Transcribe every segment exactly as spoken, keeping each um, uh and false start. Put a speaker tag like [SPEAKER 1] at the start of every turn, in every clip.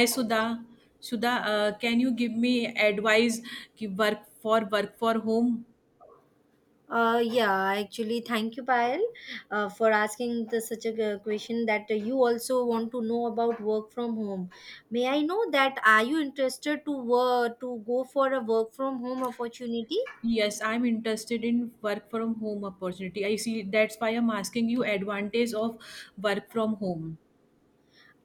[SPEAKER 1] Hi Sudha. Sudha, uh, can you give me advice ki work for work for home?
[SPEAKER 2] Uh, yeah, actually, thank you, Payal, uh, for asking the, such a g- question that uh, you also want to know about work from home. May I know that are you interested to work to go for a work from home opportunity?
[SPEAKER 1] Yes, I'm interested in work from home opportunity. I see that's why I'm asking you advantage of work from home.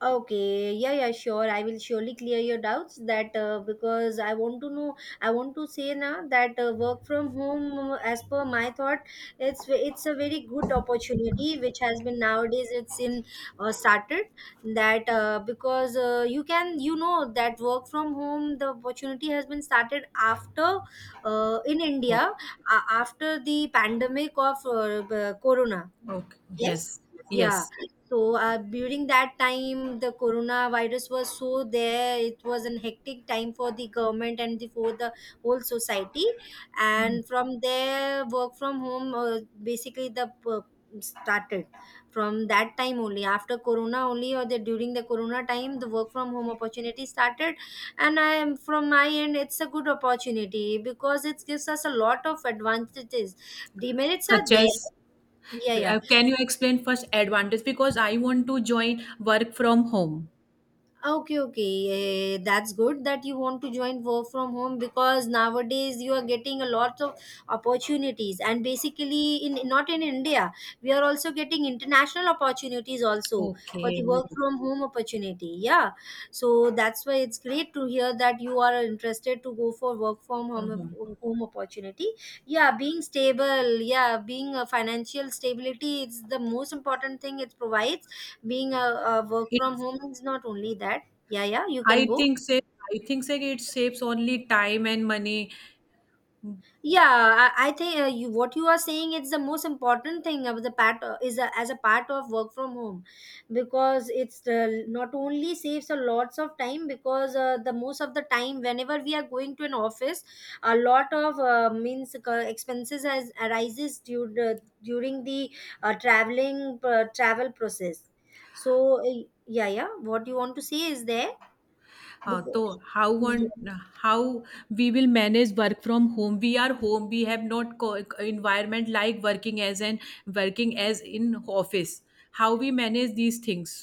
[SPEAKER 2] Okay, yeah, yeah, sure. I will surely clear your doubts that uh, because I want to know, I want to say now that uh, work from home, uh, as per my thought, it's it's a very good opportunity which has been nowadays it's in uh, started that uh, because uh, you can you know that work from home the opportunity has been started after uh, in India
[SPEAKER 1] Okay.
[SPEAKER 2] uh, after the pandemic of uh, uh, Corona.
[SPEAKER 1] Okay.
[SPEAKER 2] Yes.
[SPEAKER 1] Yes.
[SPEAKER 2] Yeah.
[SPEAKER 1] Yes.
[SPEAKER 2] So uh, during that time the coronavirus was so there, it was an hectic time for the government and the, for the whole society,
[SPEAKER 1] Mhm.
[SPEAKER 2] and from there work from home uh, basically the uh, started from that time only, after corona only or the during the corona time the work from home opportunity started, and I am, from my end it's a good opportunity because it gives us a lot of advantages. Demerits are
[SPEAKER 1] Such
[SPEAKER 2] there.
[SPEAKER 1] as,
[SPEAKER 2] Yeah, yeah.
[SPEAKER 1] uh, can you explain first advantage? Because I want to join work from home.
[SPEAKER 2] Okay, okay. Eh, that's good that you want to join work from home because nowadays you are getting a lot of opportunities, and basically in not in India, we are also getting international opportunities also for the
[SPEAKER 1] Okay.
[SPEAKER 2] work from home opportunity. Yeah. So that's why it's great to hear that you are interested to go for work from
[SPEAKER 1] From
[SPEAKER 2] home
[SPEAKER 1] home.
[SPEAKER 2] home opportunity. Yeah, being stable, yeah, being a financial stability, it's the most important thing it provides. Being a, a work from
[SPEAKER 1] It's.
[SPEAKER 2] home is not only that. Yeah, yeah, you can
[SPEAKER 1] I
[SPEAKER 2] go.
[SPEAKER 1] think say. I think say it saves only time and money.
[SPEAKER 2] Yeah i, I think uh, you, what you are saying is the most important thing of the part, uh, is a, as a part of work from home, because it's uh, not only saves a lots of time because uh, the most of the time whenever we are going to an office, a lot of uh, means uh, expenses has arises due, uh, during the uh, traveling uh, travel process. So uh, yeah, yeah, what you want to say is there.
[SPEAKER 1] हाँ तो
[SPEAKER 2] Because-
[SPEAKER 1] how on how we will manage work from home? We are home, we have not environment like working as an working as in office. How we manage these things?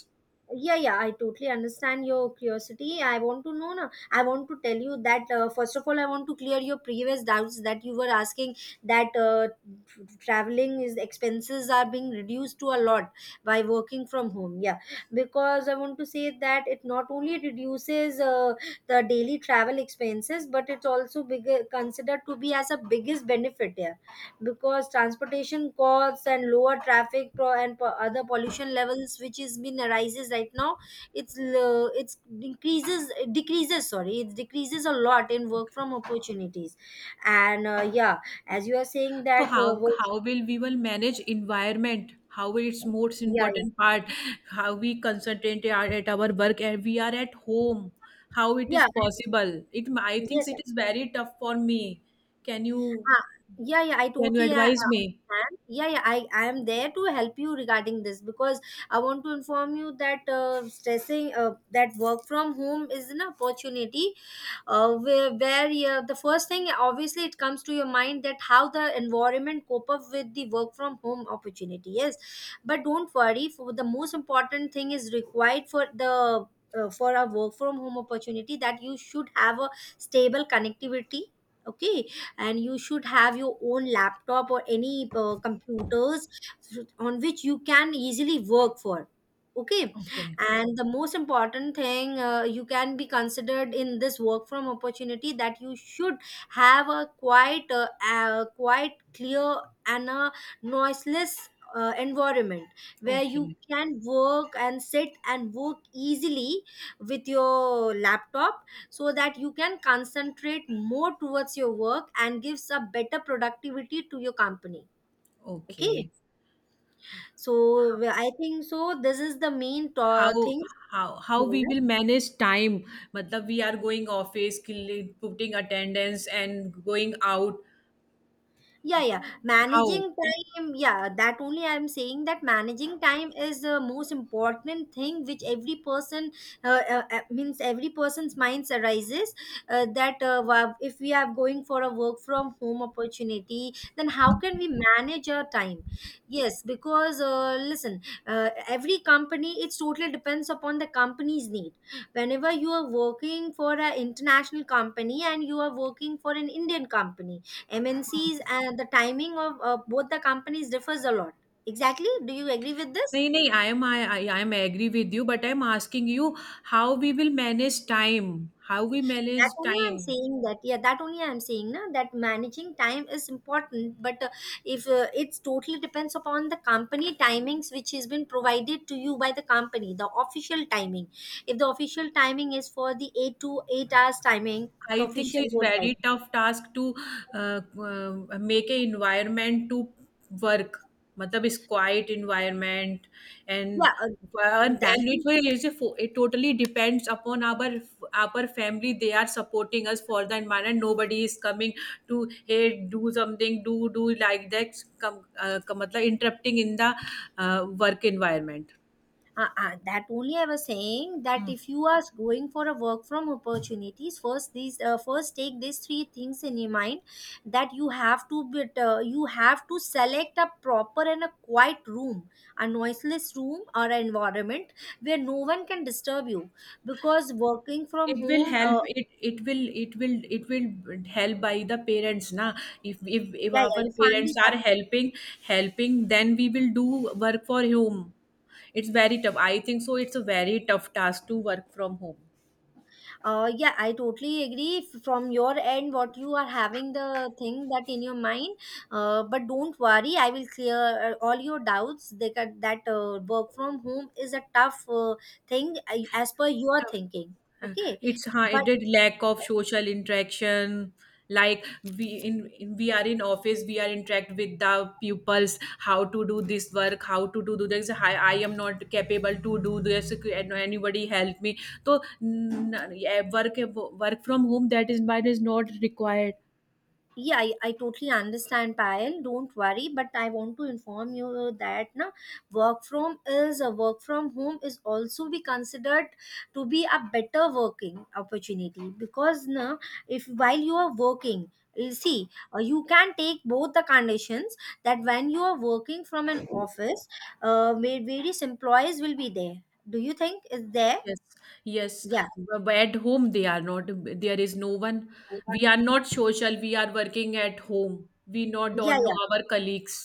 [SPEAKER 2] yeah, yeah, I totally understand your curiosity. I want to know now, I want to tell you that uh, first of all I want to clear your previous doubts that you were asking that uh, tr- traveling is expenses are being reduced to a lot by working from home, yeah, because I want to say that it not only reduces uh, the daily travel expenses, but it's also bigger considered to be as a biggest benefit here because transportation costs and lower traffic pro- and po- other pollution levels which is been arises right now, it's l- it's increases, it decreases, sorry, it decreases a lot in work from opportunities. And uh, yeah, as you are saying
[SPEAKER 1] So
[SPEAKER 2] that uh,
[SPEAKER 1] how
[SPEAKER 2] work,
[SPEAKER 1] how will we will manage environment? How it's most
[SPEAKER 2] yeah, yeah,
[SPEAKER 1] important part. How we concentrate our- at our work and we are at home? How it
[SPEAKER 2] yeah.
[SPEAKER 1] is possible? It I think
[SPEAKER 2] Yes.
[SPEAKER 1] it is very tough for me. Can you
[SPEAKER 2] Ah, yeah, yeah, I
[SPEAKER 1] can you
[SPEAKER 2] totally uh,
[SPEAKER 1] advise
[SPEAKER 2] uh,
[SPEAKER 1] me?
[SPEAKER 2] understand. Yeah, yeah, I, I am there to help you regarding this because I want to inform you that uh, stressing uh, that work from home is an opportunity uh, where, where uh, the first thing obviously it comes to your mind that how the environment cope up with the work from home opportunity. Yes, but don't worry. For the most important thing is required for the uh, for a work from home opportunity, that you should have a stable connectivity, okay, and you should have your own laptop or any uh, computers on which you can easily work for, okay,
[SPEAKER 1] Okay.
[SPEAKER 2] and the most important thing uh, you can be considered in this work from opportunity, that you should have a quite uh, uh, quite clear and a noiseless uh, environment where you
[SPEAKER 1] Okay.
[SPEAKER 2] can work and sit and work easily with your laptop, so that you can concentrate more towards your work and gives a better productivity to your company. Okay.
[SPEAKER 1] Okay.
[SPEAKER 2] So I think so this is the main to-
[SPEAKER 1] How
[SPEAKER 2] thing.
[SPEAKER 1] how how we will manage time? मतलब we are going office के putting attendance and going out.
[SPEAKER 2] Yeah, yeah, managing
[SPEAKER 1] How?
[SPEAKER 2] time, yeah, that only I'm saying that managing time is the most important thing which every person uh, uh, uh, means every person's minds arises uh, that uh, wa- if we are going for a work from home opportunity, then how can we manage our time. Yes, because uh, listen, uh, every company, it's totally depends upon the company's need. Whenever you are working for an international company and you are working for an indian company, M N Cs, and the timing of uh, both the companies differs a lot. Exactly. Do you agree with this?
[SPEAKER 1] नहीं नहीं, I am I I I am agree with you, but I am asking you how we will manage time, how we
[SPEAKER 2] That
[SPEAKER 1] manage
[SPEAKER 2] only I'm
[SPEAKER 1] time.
[SPEAKER 2] saying that. Yeah, that only I'm saying na, that managing time is important. But uh, if uh, it's totally depends upon the company timings which has been provided to you by the company, the official timing. If the official timing is for the eight to eight hours timing, the
[SPEAKER 1] I think
[SPEAKER 2] official
[SPEAKER 1] so it's
[SPEAKER 2] work time.
[SPEAKER 1] very tough task to uh, uh, make a environment to work. मतलब is quiet environment and
[SPEAKER 2] Yeah, uh,
[SPEAKER 1] and
[SPEAKER 2] that
[SPEAKER 1] it
[SPEAKER 2] is
[SPEAKER 1] will it's a fo- it totally depends upon our our family. They are supporting us for the environment. Nobody is coming to hey do something do do like that. Come, uh, come, मतलब interrupting in the uh, work environment.
[SPEAKER 2] Uh, uh, that only I was saying that if you are going for a work from opportunities, first these uh, first take these three things in your mind, that you have to be, uh, you have to select a proper and a quiet room, a noiseless room or an environment where no one can disturb you because working from
[SPEAKER 1] It will
[SPEAKER 2] home,
[SPEAKER 1] help
[SPEAKER 2] uh,
[SPEAKER 1] it it will it will it will help by the parents na. If if if
[SPEAKER 2] yeah, yeah,
[SPEAKER 1] our
[SPEAKER 2] your family
[SPEAKER 1] parents
[SPEAKER 2] is
[SPEAKER 1] are helping, helping then we will do work for home. It's very tough. I think so it's a very tough task to work from home.
[SPEAKER 2] Uh, yeah, I totally agree f- from your end what you are having the thing that in your mind. Uh, but don't worry, I will clear uh, all your doubts. They got that uh, work from home is a tough uh, thing uh, as per your
[SPEAKER 1] Tough.
[SPEAKER 2] thinking.
[SPEAKER 1] Uh,
[SPEAKER 2] Okay,
[SPEAKER 1] It's
[SPEAKER 2] but
[SPEAKER 1] hided lack of social interaction. Like we in, in we are in office, we are interact with the pupils. How to do this work? How to do this? I, I am not capable to do this. Can anybody help me? So n- yeah, work work from home that is but is not required.
[SPEAKER 2] yeah, I, I totally understand, Payal. Don't worry, but I want to inform you that na, work from is a work from home is also be considered to be a better working opportunity because na, if while you are working, you see, uh, you can take both the conditions, that when you are working from an office, uh, va- various employees will be there. Do you think is there?
[SPEAKER 1] Yes, yes.
[SPEAKER 2] Yeah,
[SPEAKER 1] B- but at home, they are not. There is no one.
[SPEAKER 2] yeah,
[SPEAKER 1] We are not social. We are working at home. We not
[SPEAKER 2] yeah.
[SPEAKER 1] don't know our colleagues.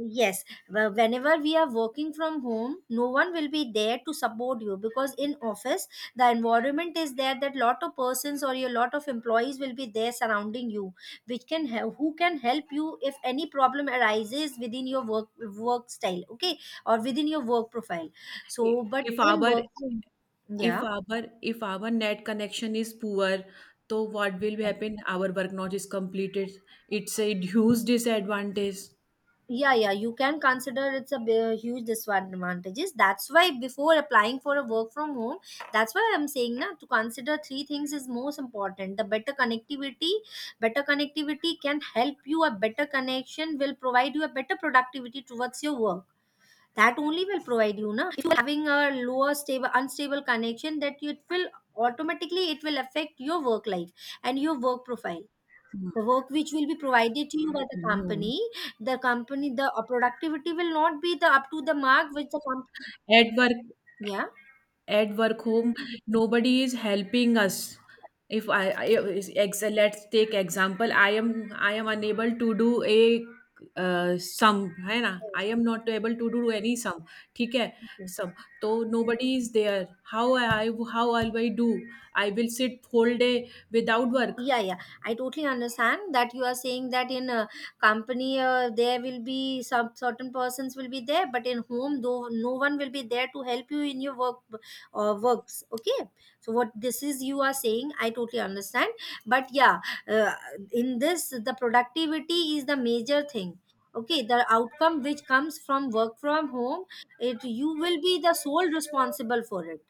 [SPEAKER 2] Yes, well, whenever we are working from home, no one will be there to support you because in office the environment is there that lot of persons or your lot of employees will be there surrounding you, which can help, who can help you if any problem arises within your work work style, okay, or within your work profile. So,
[SPEAKER 1] I-
[SPEAKER 2] but
[SPEAKER 1] if our
[SPEAKER 2] in work,
[SPEAKER 1] if
[SPEAKER 2] yeah.
[SPEAKER 1] our if our net connection is poor, so what will happen? Our work not is completed. It's a huge disadvantage.
[SPEAKER 2] Yeah, yeah, you can consider it's a b- huge disadvantages. That's why before applying for a work from home, that's why I'm saying now to consider three things is most important, the better connectivity. Better connectivity can help you, a better connection will provide you a better productivity towards your work. That only will provide you na, if you are having a lower stable unstable connection, that you- it will automatically, it will affect your work life and your work profile, the work which will be provided to you by the
[SPEAKER 1] Mhm.
[SPEAKER 2] company. The company the uh, productivity will not be the up to the mark which the company.
[SPEAKER 1] At work,
[SPEAKER 2] Yeah.
[SPEAKER 1] at work home, nobody is helping us. If I, I is- ex, let's take example, I am I am unable to do a uh, sum है ना, I
[SPEAKER 2] Yes.
[SPEAKER 1] am not able to do any sum. ठीक है.
[SPEAKER 2] Okay.
[SPEAKER 1] Sum तो nobody is there. How I how will I do? I will sit whole day without work.
[SPEAKER 2] Yeah, yeah, I totally understand that you are saying that in a company uh, there will be some certain persons will be there, but in home though no one will be there to help you in your work uh, works, okay. So what this is you are saying, I totally understand. But yeah, uh, in this the productivity is the major thing. Okay, the outcome which comes from work from home, it, you will be the sole responsible for it.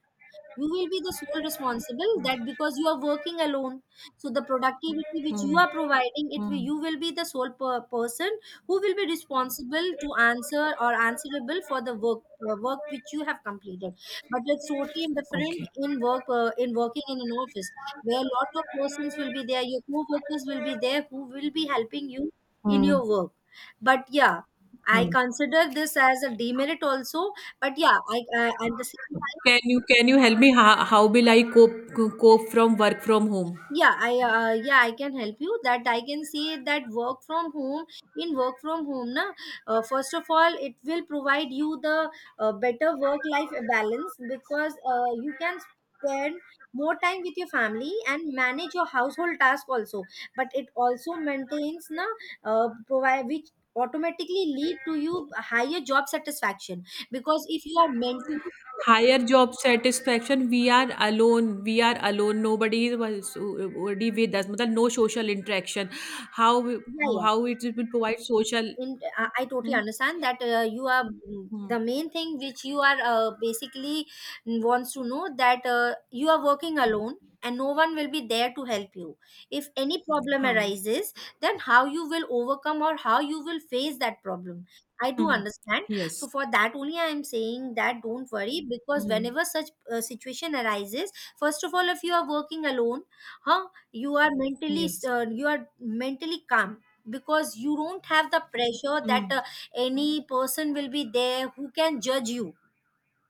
[SPEAKER 2] You will be the sole responsible that because you are working alone, so the productivity which you
[SPEAKER 1] Hmm.
[SPEAKER 2] are providing, it will,
[SPEAKER 1] Hmm.
[SPEAKER 2] you will be the sole per- person who will be responsible to answer or answerable for the work uh, work which you have completed. But it's totally different
[SPEAKER 1] Okay.
[SPEAKER 2] in work uh, in working in an office, where a lot of persons will be there, your co-workers will be there who will be helping you in your
[SPEAKER 1] Hmm.
[SPEAKER 2] work. But yeah, I
[SPEAKER 1] Hmm.
[SPEAKER 2] consider this as a demerit also. But yeah, i, I at the same.
[SPEAKER 1] Can you can you help me how, how will I cope cope from work from home?
[SPEAKER 2] Yeah, I uh, yeah, I can help you that I can see that work from home, in work from home na, uh, first of all it will provide you the uh, better work life balance because uh, you can spend more time with your family and manage your household task also. But it also maintains na, uh, provide which automatically lead to you higher job satisfaction because if you are mentally,
[SPEAKER 1] Higher job satisfaction? We are alone, we are alone, nobody was already with us. मतलब no social interaction. How
[SPEAKER 2] yeah,
[SPEAKER 1] how,
[SPEAKER 2] yeah.
[SPEAKER 1] how it will provide social?
[SPEAKER 2] In, I I totally
[SPEAKER 1] Hmm?
[SPEAKER 2] understand that uh, you are mm,
[SPEAKER 1] Hmm.
[SPEAKER 2] the main thing which you are uh, basically wants to know that uh, you are working alone and no one will be there to help you. If any problem
[SPEAKER 1] Huh.
[SPEAKER 2] arises, then how you will overcome or how you will face that problem. I do
[SPEAKER 1] Hmm.
[SPEAKER 2] understand. So
[SPEAKER 1] Yes.
[SPEAKER 2] for that only I am saying that don't worry because
[SPEAKER 1] Hmm.
[SPEAKER 2] whenever such uh, situation arises, first of all, if you are working alone, huh, you are mentally
[SPEAKER 1] Yes.
[SPEAKER 2] uh, you are mentally calm because you don't have the pressure that
[SPEAKER 1] Hmm.
[SPEAKER 2] uh, any person will be there who can judge you,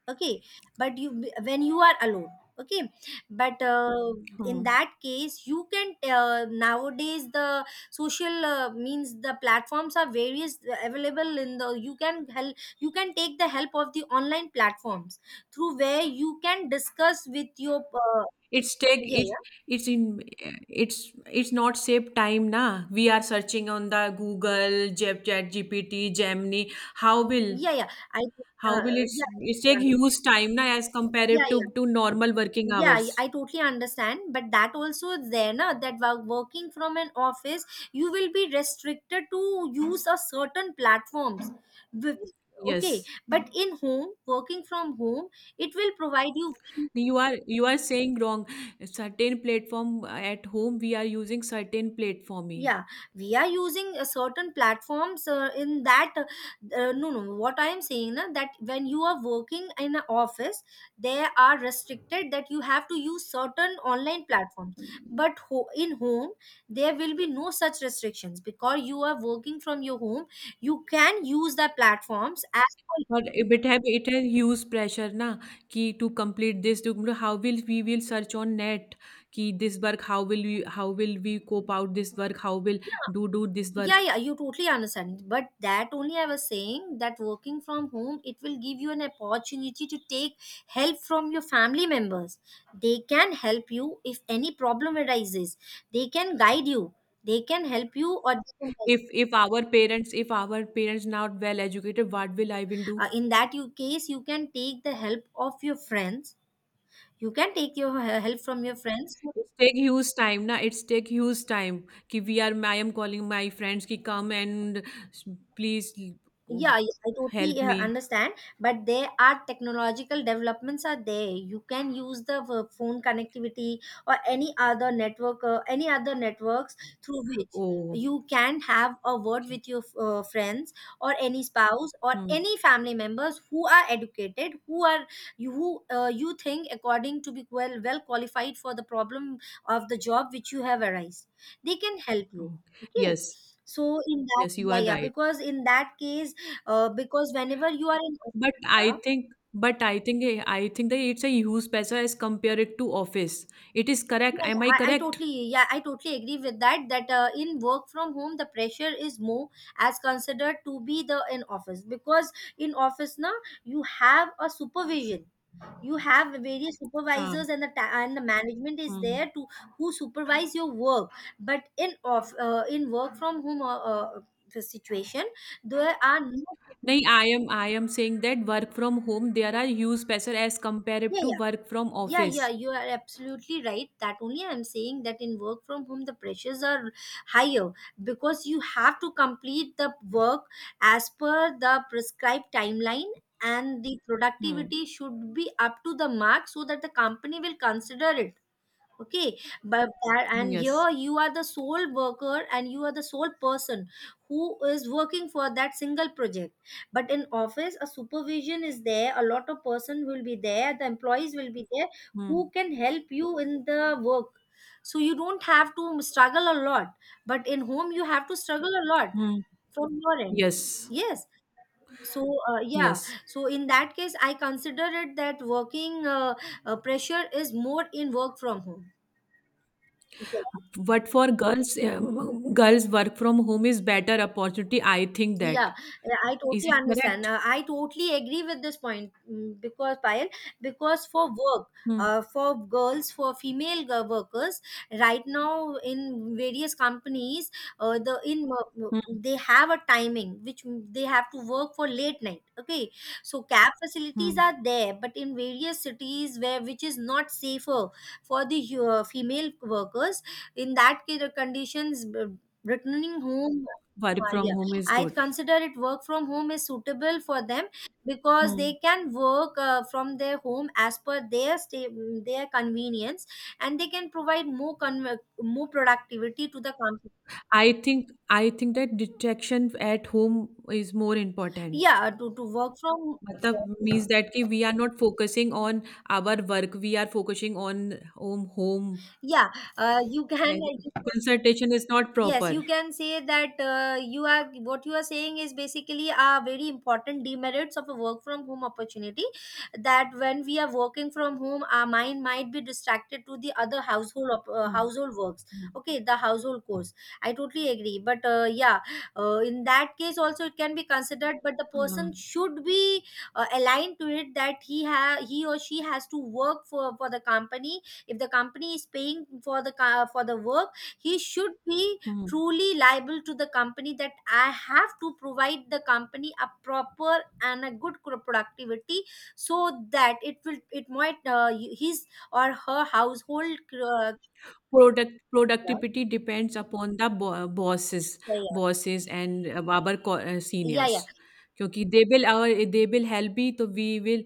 [SPEAKER 2] okay, but you when you are alone, okay, but uh, in
[SPEAKER 1] Hmm.
[SPEAKER 2] that case you can uh, nowadays the social uh, means the platforms are various uh, available in the you can help, you can take the help of the online platforms through where you can discuss with your uh,
[SPEAKER 1] It's take
[SPEAKER 2] yeah
[SPEAKER 1] it.
[SPEAKER 2] yeah
[SPEAKER 1] It's in. It's. It's not save time na. We are searching on the google Jep- chat gpt gemini. How will
[SPEAKER 2] yeah yeah I
[SPEAKER 1] how
[SPEAKER 2] uh,
[SPEAKER 1] will it,
[SPEAKER 2] yeah
[SPEAKER 1] it take
[SPEAKER 2] yeah
[SPEAKER 1] huge time na as
[SPEAKER 2] yeah
[SPEAKER 1] compared to to normal working
[SPEAKER 2] yeah I I
[SPEAKER 1] hours?
[SPEAKER 2] totally understand, but that also is there na, that wo- working from an office you will be restricted to use a certain platforms. With- okay,
[SPEAKER 1] Yes.
[SPEAKER 2] but in home, working from home it will provide you,
[SPEAKER 1] You are you are saying wrong. Certain platform, uh, at home we are using certain platform. He.
[SPEAKER 2] yeah, we are using a certain platforms uh, in that uh, uh, no no what I am saying na, that when you are working in an office they are restricted that you have to use certain online platform, but ho- in home there will be no such restrictions because you are working from your home, you can use the platforms as,
[SPEAKER 1] But it have it has huge pressure na कि to complete this to how will we will search on net कि this work. How will we how will we cope out this work? How will do do this
[SPEAKER 2] yeah,
[SPEAKER 1] work?
[SPEAKER 2] yeah, you totally understand, but that only I was saying that working from home it will give you an opportunity to take help from your family members, they can help you if any problem arises, they can guide you, they can help you or they can help
[SPEAKER 1] If
[SPEAKER 2] you.
[SPEAKER 1] if our parents if our parents not well educated, what will I will do?
[SPEAKER 2] Uh, in that you case you can take the help of your friends, you can take your he- help from your friends.
[SPEAKER 1] It's take huge time, na? It's take huge time. कि we are, I am calling my friends कि come and please
[SPEAKER 2] Yeah, yeah, I totally
[SPEAKER 1] help
[SPEAKER 2] uh,
[SPEAKER 1] me.
[SPEAKER 2] understand, but there are technological developments are there. You can use the uh, phone connectivity or any other network, uh, any other networks through which
[SPEAKER 1] Oh,
[SPEAKER 2] you can have a word
[SPEAKER 1] okay.
[SPEAKER 2] with your uh, friends or any spouse or
[SPEAKER 1] Hmm.
[SPEAKER 2] any family members who are educated, who are you who uh, you think according to be well well qualified for the problem of the job which you have arise. They can help you.
[SPEAKER 1] Oh,
[SPEAKER 2] Okay.
[SPEAKER 1] yes,
[SPEAKER 2] So in that,
[SPEAKER 1] yes, you
[SPEAKER 2] yeah,
[SPEAKER 1] are
[SPEAKER 2] yeah,
[SPEAKER 1] right.
[SPEAKER 2] because in that case, uh, because whenever you are in,
[SPEAKER 1] But I
[SPEAKER 2] yeah,
[SPEAKER 1] think, but I think, I think that it's a huge पैसा as compared it to office. It is
[SPEAKER 2] yeah,
[SPEAKER 1] correct. Am I
[SPEAKER 2] yeah, I, I
[SPEAKER 1] correct?
[SPEAKER 2] totally, yeah, I totally agree with that, that uh, in work from home the pressure is more as considered to be the in office, because in office now you have a supervision, you have various
[SPEAKER 1] हाँ.
[SPEAKER 2] supervisors and the ta- and the management is
[SPEAKER 1] Hmm.
[SPEAKER 2] there to who supervise your work, but in off uh, in work from home, uh, uh, the situation, there are no,
[SPEAKER 1] नहीं I am I am saying that work from home there are huge पैसा as compare
[SPEAKER 2] yeah,
[SPEAKER 1] to
[SPEAKER 2] yeah,
[SPEAKER 1] work from
[SPEAKER 2] yeah,
[SPEAKER 1] office.
[SPEAKER 2] yeah, you are absolutely right. That only I'm saying that in work from home, the pressures are higher because you have to complete the work as per the prescribed timeline, and the
[SPEAKER 1] hmm.
[SPEAKER 2] productivity should be up to the mark so that the company will consider it. Okay, but that, and
[SPEAKER 1] yes.
[SPEAKER 2] here you are the sole worker and you are the sole person who is working for that single project, but in office a supervision is there, a lot of person will be there, the employees will be there who can help you in the work, so you don't have to struggle a lot, but in home you have to struggle a lot
[SPEAKER 1] hmm.
[SPEAKER 2] from your end.
[SPEAKER 1] Yes,
[SPEAKER 2] Yes, so uh, yeah,
[SPEAKER 1] yes.
[SPEAKER 2] so in that case I consider it that working uh, uh, pressure is more in work from home. Yes.
[SPEAKER 1] But for girls, uh, girls work from home is better opportunity. I think that.
[SPEAKER 2] Yeah, yeah, I
[SPEAKER 1] Is
[SPEAKER 2] totally
[SPEAKER 1] it
[SPEAKER 2] understand.
[SPEAKER 1] correct?
[SPEAKER 2] Uh, I totally agree with this point, mm, because Payal, because for work,
[SPEAKER 1] Hmm.
[SPEAKER 2] uh, for girls, for female g- workers, right now in various companies, uh, the in uh,
[SPEAKER 1] Hmm.
[SPEAKER 2] they have a timing which they have to work for late night. Okay, so cab facilities
[SPEAKER 1] Hmm.
[SPEAKER 2] are there, but in various cities where which is not safer for the hu- uh, female workers, in that case, the conditions, uh, returning home.
[SPEAKER 1] Work
[SPEAKER 2] Uh,
[SPEAKER 1] from
[SPEAKER 2] yeah,
[SPEAKER 1] home is
[SPEAKER 2] I
[SPEAKER 1] good.
[SPEAKER 2] consider it work from home is suitable for them because they
[SPEAKER 1] Hmm.
[SPEAKER 2] can work uh, from their home as per their stay, their convenience, and they can provide more con- more productivity to the company,
[SPEAKER 1] I think I think that detection at home is more important.
[SPEAKER 2] yeah, to, to work from,
[SPEAKER 1] मतलब means that कि we are not focusing on our work, we are focusing on home home.
[SPEAKER 2] yeah, uh, you can.
[SPEAKER 1] And concentration is not
[SPEAKER 2] Yes,
[SPEAKER 1] proper.
[SPEAKER 2] you can say that uh, you are what you are saying is basically are very important demerits of a work from home opportunity. That when we are working from home, our mind might be distracted to the other household op- uh,
[SPEAKER 1] Hmm.
[SPEAKER 2] household works.
[SPEAKER 1] Hmm.
[SPEAKER 2] Okay, the household course. I totally agree. But uh, yeah, uh, in that case also it can be considered. But the person
[SPEAKER 1] Hmm.
[SPEAKER 2] should be uh, aligned to it that he ha- he or she has to work for for the company. If the company is paying for the ca- for the work, he should be
[SPEAKER 1] Hmm.
[SPEAKER 2] truly liable to the company, that I have to provide the company a proper and a good cro- productivity, so that it will, it might uh, his or her household uh,
[SPEAKER 1] Product
[SPEAKER 2] yeah,
[SPEAKER 1] productivity depends upon the bo- bosses,
[SPEAKER 2] yeah,
[SPEAKER 1] bosses and our co- uh,
[SPEAKER 2] yeah,
[SPEAKER 1] seniors.
[SPEAKER 2] yeah,
[SPEAKER 1] क्योंकि they will our they will help भी तो we will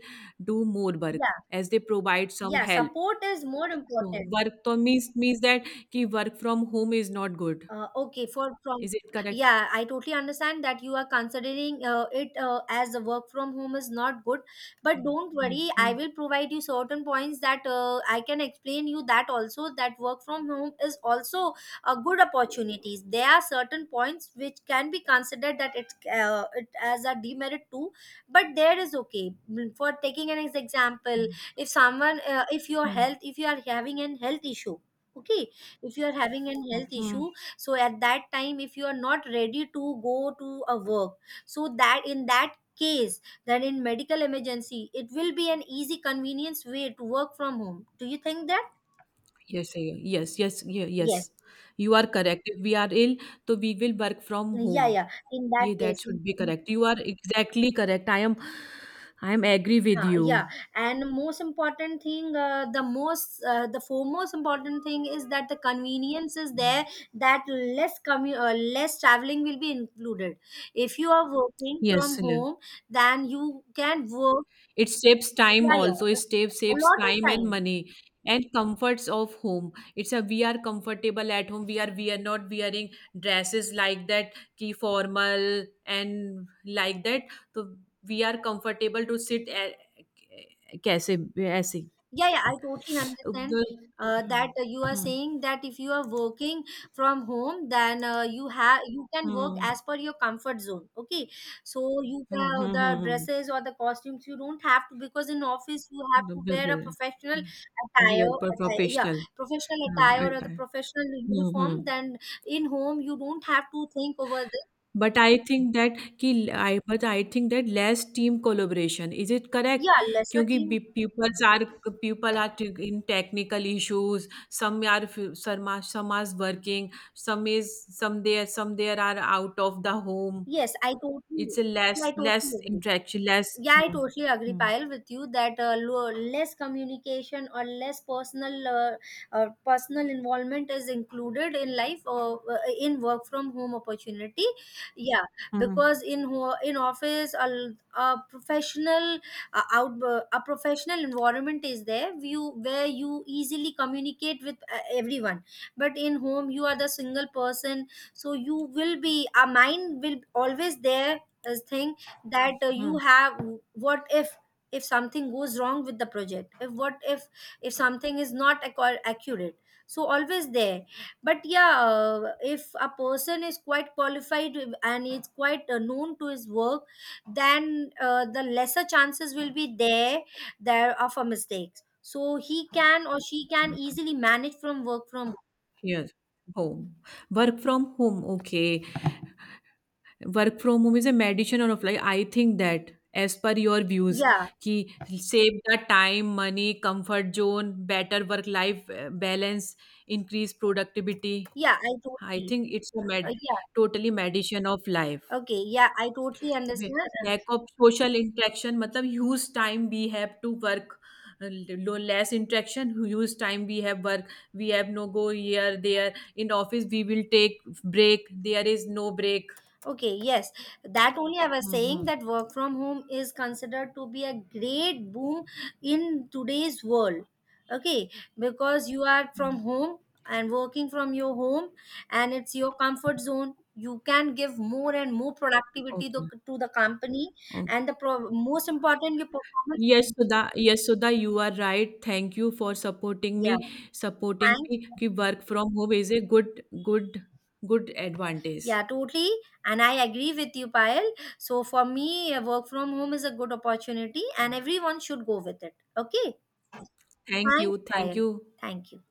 [SPEAKER 1] do more work
[SPEAKER 2] yeah,
[SPEAKER 1] as they provide some
[SPEAKER 2] yeah,
[SPEAKER 1] help.
[SPEAKER 2] support is more
[SPEAKER 1] तो
[SPEAKER 2] important.
[SPEAKER 1] work तो means means that कि work from home is not good.
[SPEAKER 2] Uh, okay, for from,
[SPEAKER 1] Is it correct?
[SPEAKER 2] yeah, I totally understand that you are considering uh, it uh, as a work from home is not good, but don't
[SPEAKER 1] hmm.
[SPEAKER 2] worry, I
[SPEAKER 1] hmm.
[SPEAKER 2] will provide you certain points that uh, I can explain you that also that work from home is also a good opportunities. There are certain points which can be considered that it uh, it as a demerit too, but there is, okay. Mm, for taking an ex- example. If someone uh, if your
[SPEAKER 1] hmm.
[SPEAKER 2] health if you are having an health issue, okay, if you are having an health
[SPEAKER 1] hmm.
[SPEAKER 2] issue, so at that time if you are not ready to go to a work, so that in that case, then in medical emergency it will be an easy convenience way to work from home, do you think that?
[SPEAKER 1] Yes, I- yes, yes, ye-
[SPEAKER 2] Yes,
[SPEAKER 1] yes. You are correct. If we are ill, so we will work from
[SPEAKER 2] yeah,
[SPEAKER 1] home.
[SPEAKER 2] yeah, in that
[SPEAKER 1] Yeah, that
[SPEAKER 2] case in-
[SPEAKER 1] should be correct. You are exactly correct. I am, I am agree with
[SPEAKER 2] huh,
[SPEAKER 1] you.
[SPEAKER 2] yeah, and most important thing, uh, the most uh, the foremost important thing is that the convenience is there, that less commu- uh, less traveling will be included if you are working
[SPEAKER 1] Yes,
[SPEAKER 2] from
[SPEAKER 1] Sunil.
[SPEAKER 2] home, then you can work.
[SPEAKER 1] It saves time
[SPEAKER 2] Yeah,
[SPEAKER 1] also. It
[SPEAKER 2] yeah.
[SPEAKER 1] saves
[SPEAKER 2] A
[SPEAKER 1] saves
[SPEAKER 2] lot of
[SPEAKER 1] time and
[SPEAKER 2] time.
[SPEAKER 1] money and comforts of home. It's a we are comfortable at home. We are we are not wearing dresses like that, ki formal and like that. So we are comfortable to sit at, कैसे ऐसे.
[SPEAKER 2] Yeah, yeah, I totally understand
[SPEAKER 1] The.
[SPEAKER 2] uh, that
[SPEAKER 1] Mhm.
[SPEAKER 2] uh, you are
[SPEAKER 1] Mhm.
[SPEAKER 2] saying that if you are working from home, then uh, you have you can work
[SPEAKER 1] Mhm.
[SPEAKER 2] as per your comfort zone. Okay, so you uh,
[SPEAKER 1] Mhm. Mhm.
[SPEAKER 2] the
[SPEAKER 1] Mhm.
[SPEAKER 2] dresses or the costumes you don't have to, because in office you have
[SPEAKER 1] The
[SPEAKER 2] to
[SPEAKER 1] beer
[SPEAKER 2] wear a
[SPEAKER 1] beer.
[SPEAKER 2] professional
[SPEAKER 1] Beer
[SPEAKER 2] attire,
[SPEAKER 1] पर
[SPEAKER 2] attire, yeah,
[SPEAKER 1] professional.
[SPEAKER 2] professional
[SPEAKER 1] हाँ
[SPEAKER 2] attire
[SPEAKER 1] at
[SPEAKER 2] or the
[SPEAKER 1] time.
[SPEAKER 2] professional
[SPEAKER 1] hmm.
[SPEAKER 2] uniform.
[SPEAKER 1] Hmm.
[SPEAKER 2] Then in home you don't have to think over the,
[SPEAKER 1] but I think that कि I but I think that less team collaboration is it correct.
[SPEAKER 2] yeah, lesser
[SPEAKER 1] क्योंकि
[SPEAKER 2] team.
[SPEAKER 1] Peoples are people are in technical issues. Some are some are working. Some is some there some there are out of the home.
[SPEAKER 2] Yes, I totally,
[SPEAKER 1] it's less
[SPEAKER 2] yeah, I
[SPEAKER 1] less
[SPEAKER 2] totally agree.
[SPEAKER 1] Interaction less.
[SPEAKER 2] Yeah I totally agree pile with you that uh, lo- less communication or less personal uh, uh, personal involvement is included in life or uh, in work from home opportunity, yeah,
[SPEAKER 1] hmm.
[SPEAKER 2] because in ho- in office a, l- a professional uh, out uh, a professional environment is there you where you easily communicate with uh, everyone, but in home you are the single person, so you will be, a mind will always there as thing that uh, you have what if if something goes wrong with the project, if what if if something is not accu- accurate, so always there, but yeah uh, if a person is quite qualified and is quite uh, known to his work, then uh, the lesser chances will be there, there of a mistakes, so he can or she can
[SPEAKER 1] hmm.
[SPEAKER 2] easily manage from work from,
[SPEAKER 1] Yes, home. Work from home. Okay. Work from home is a meditation or of life. I think that as per your views,
[SPEAKER 2] yeah,
[SPEAKER 1] ki save the time, money, comfort zone, better work life uh, balance, increase productivity.
[SPEAKER 2] yeah, I
[SPEAKER 1] I
[SPEAKER 2] totally,
[SPEAKER 1] think it's a
[SPEAKER 2] uh,
[SPEAKER 1] med
[SPEAKER 2] yeah,
[SPEAKER 1] totally meditation of life.
[SPEAKER 2] okay, yeah, I totally understand.
[SPEAKER 1] Lack of social interaction मतलब huge time we have to work. Less interaction huge time we have work. We have no go here there. In office we will take break. There is no break.
[SPEAKER 2] Okay, yes. That only I was saying
[SPEAKER 1] Mm-hmm.
[SPEAKER 2] that work from home is considered to be a great boom in today's world. Okay, because you are from
[SPEAKER 1] Mhm.
[SPEAKER 2] home and working from your home and it's your comfort zone. You can give more and more productivity to,
[SPEAKER 1] Okay.
[SPEAKER 2] to the company,
[SPEAKER 1] Okay.
[SPEAKER 2] and the pro- most important, your performance.
[SPEAKER 1] Yes, Sudha. Yes, Sudha, you are right. Thank you for supporting me.
[SPEAKER 2] Yeah,
[SPEAKER 1] Supporting
[SPEAKER 2] thank.
[SPEAKER 1] me कि work from home is a good, good, good advantage.
[SPEAKER 2] Yeah, totally. And I agree with you, Payal. So for me, uh, work from home is a good opportunity, and everyone should go with it. Okay.
[SPEAKER 1] Thank
[SPEAKER 2] Thank
[SPEAKER 1] you.
[SPEAKER 2] you,
[SPEAKER 1] Thank
[SPEAKER 2] Payal.
[SPEAKER 1] you.
[SPEAKER 2] Thank you.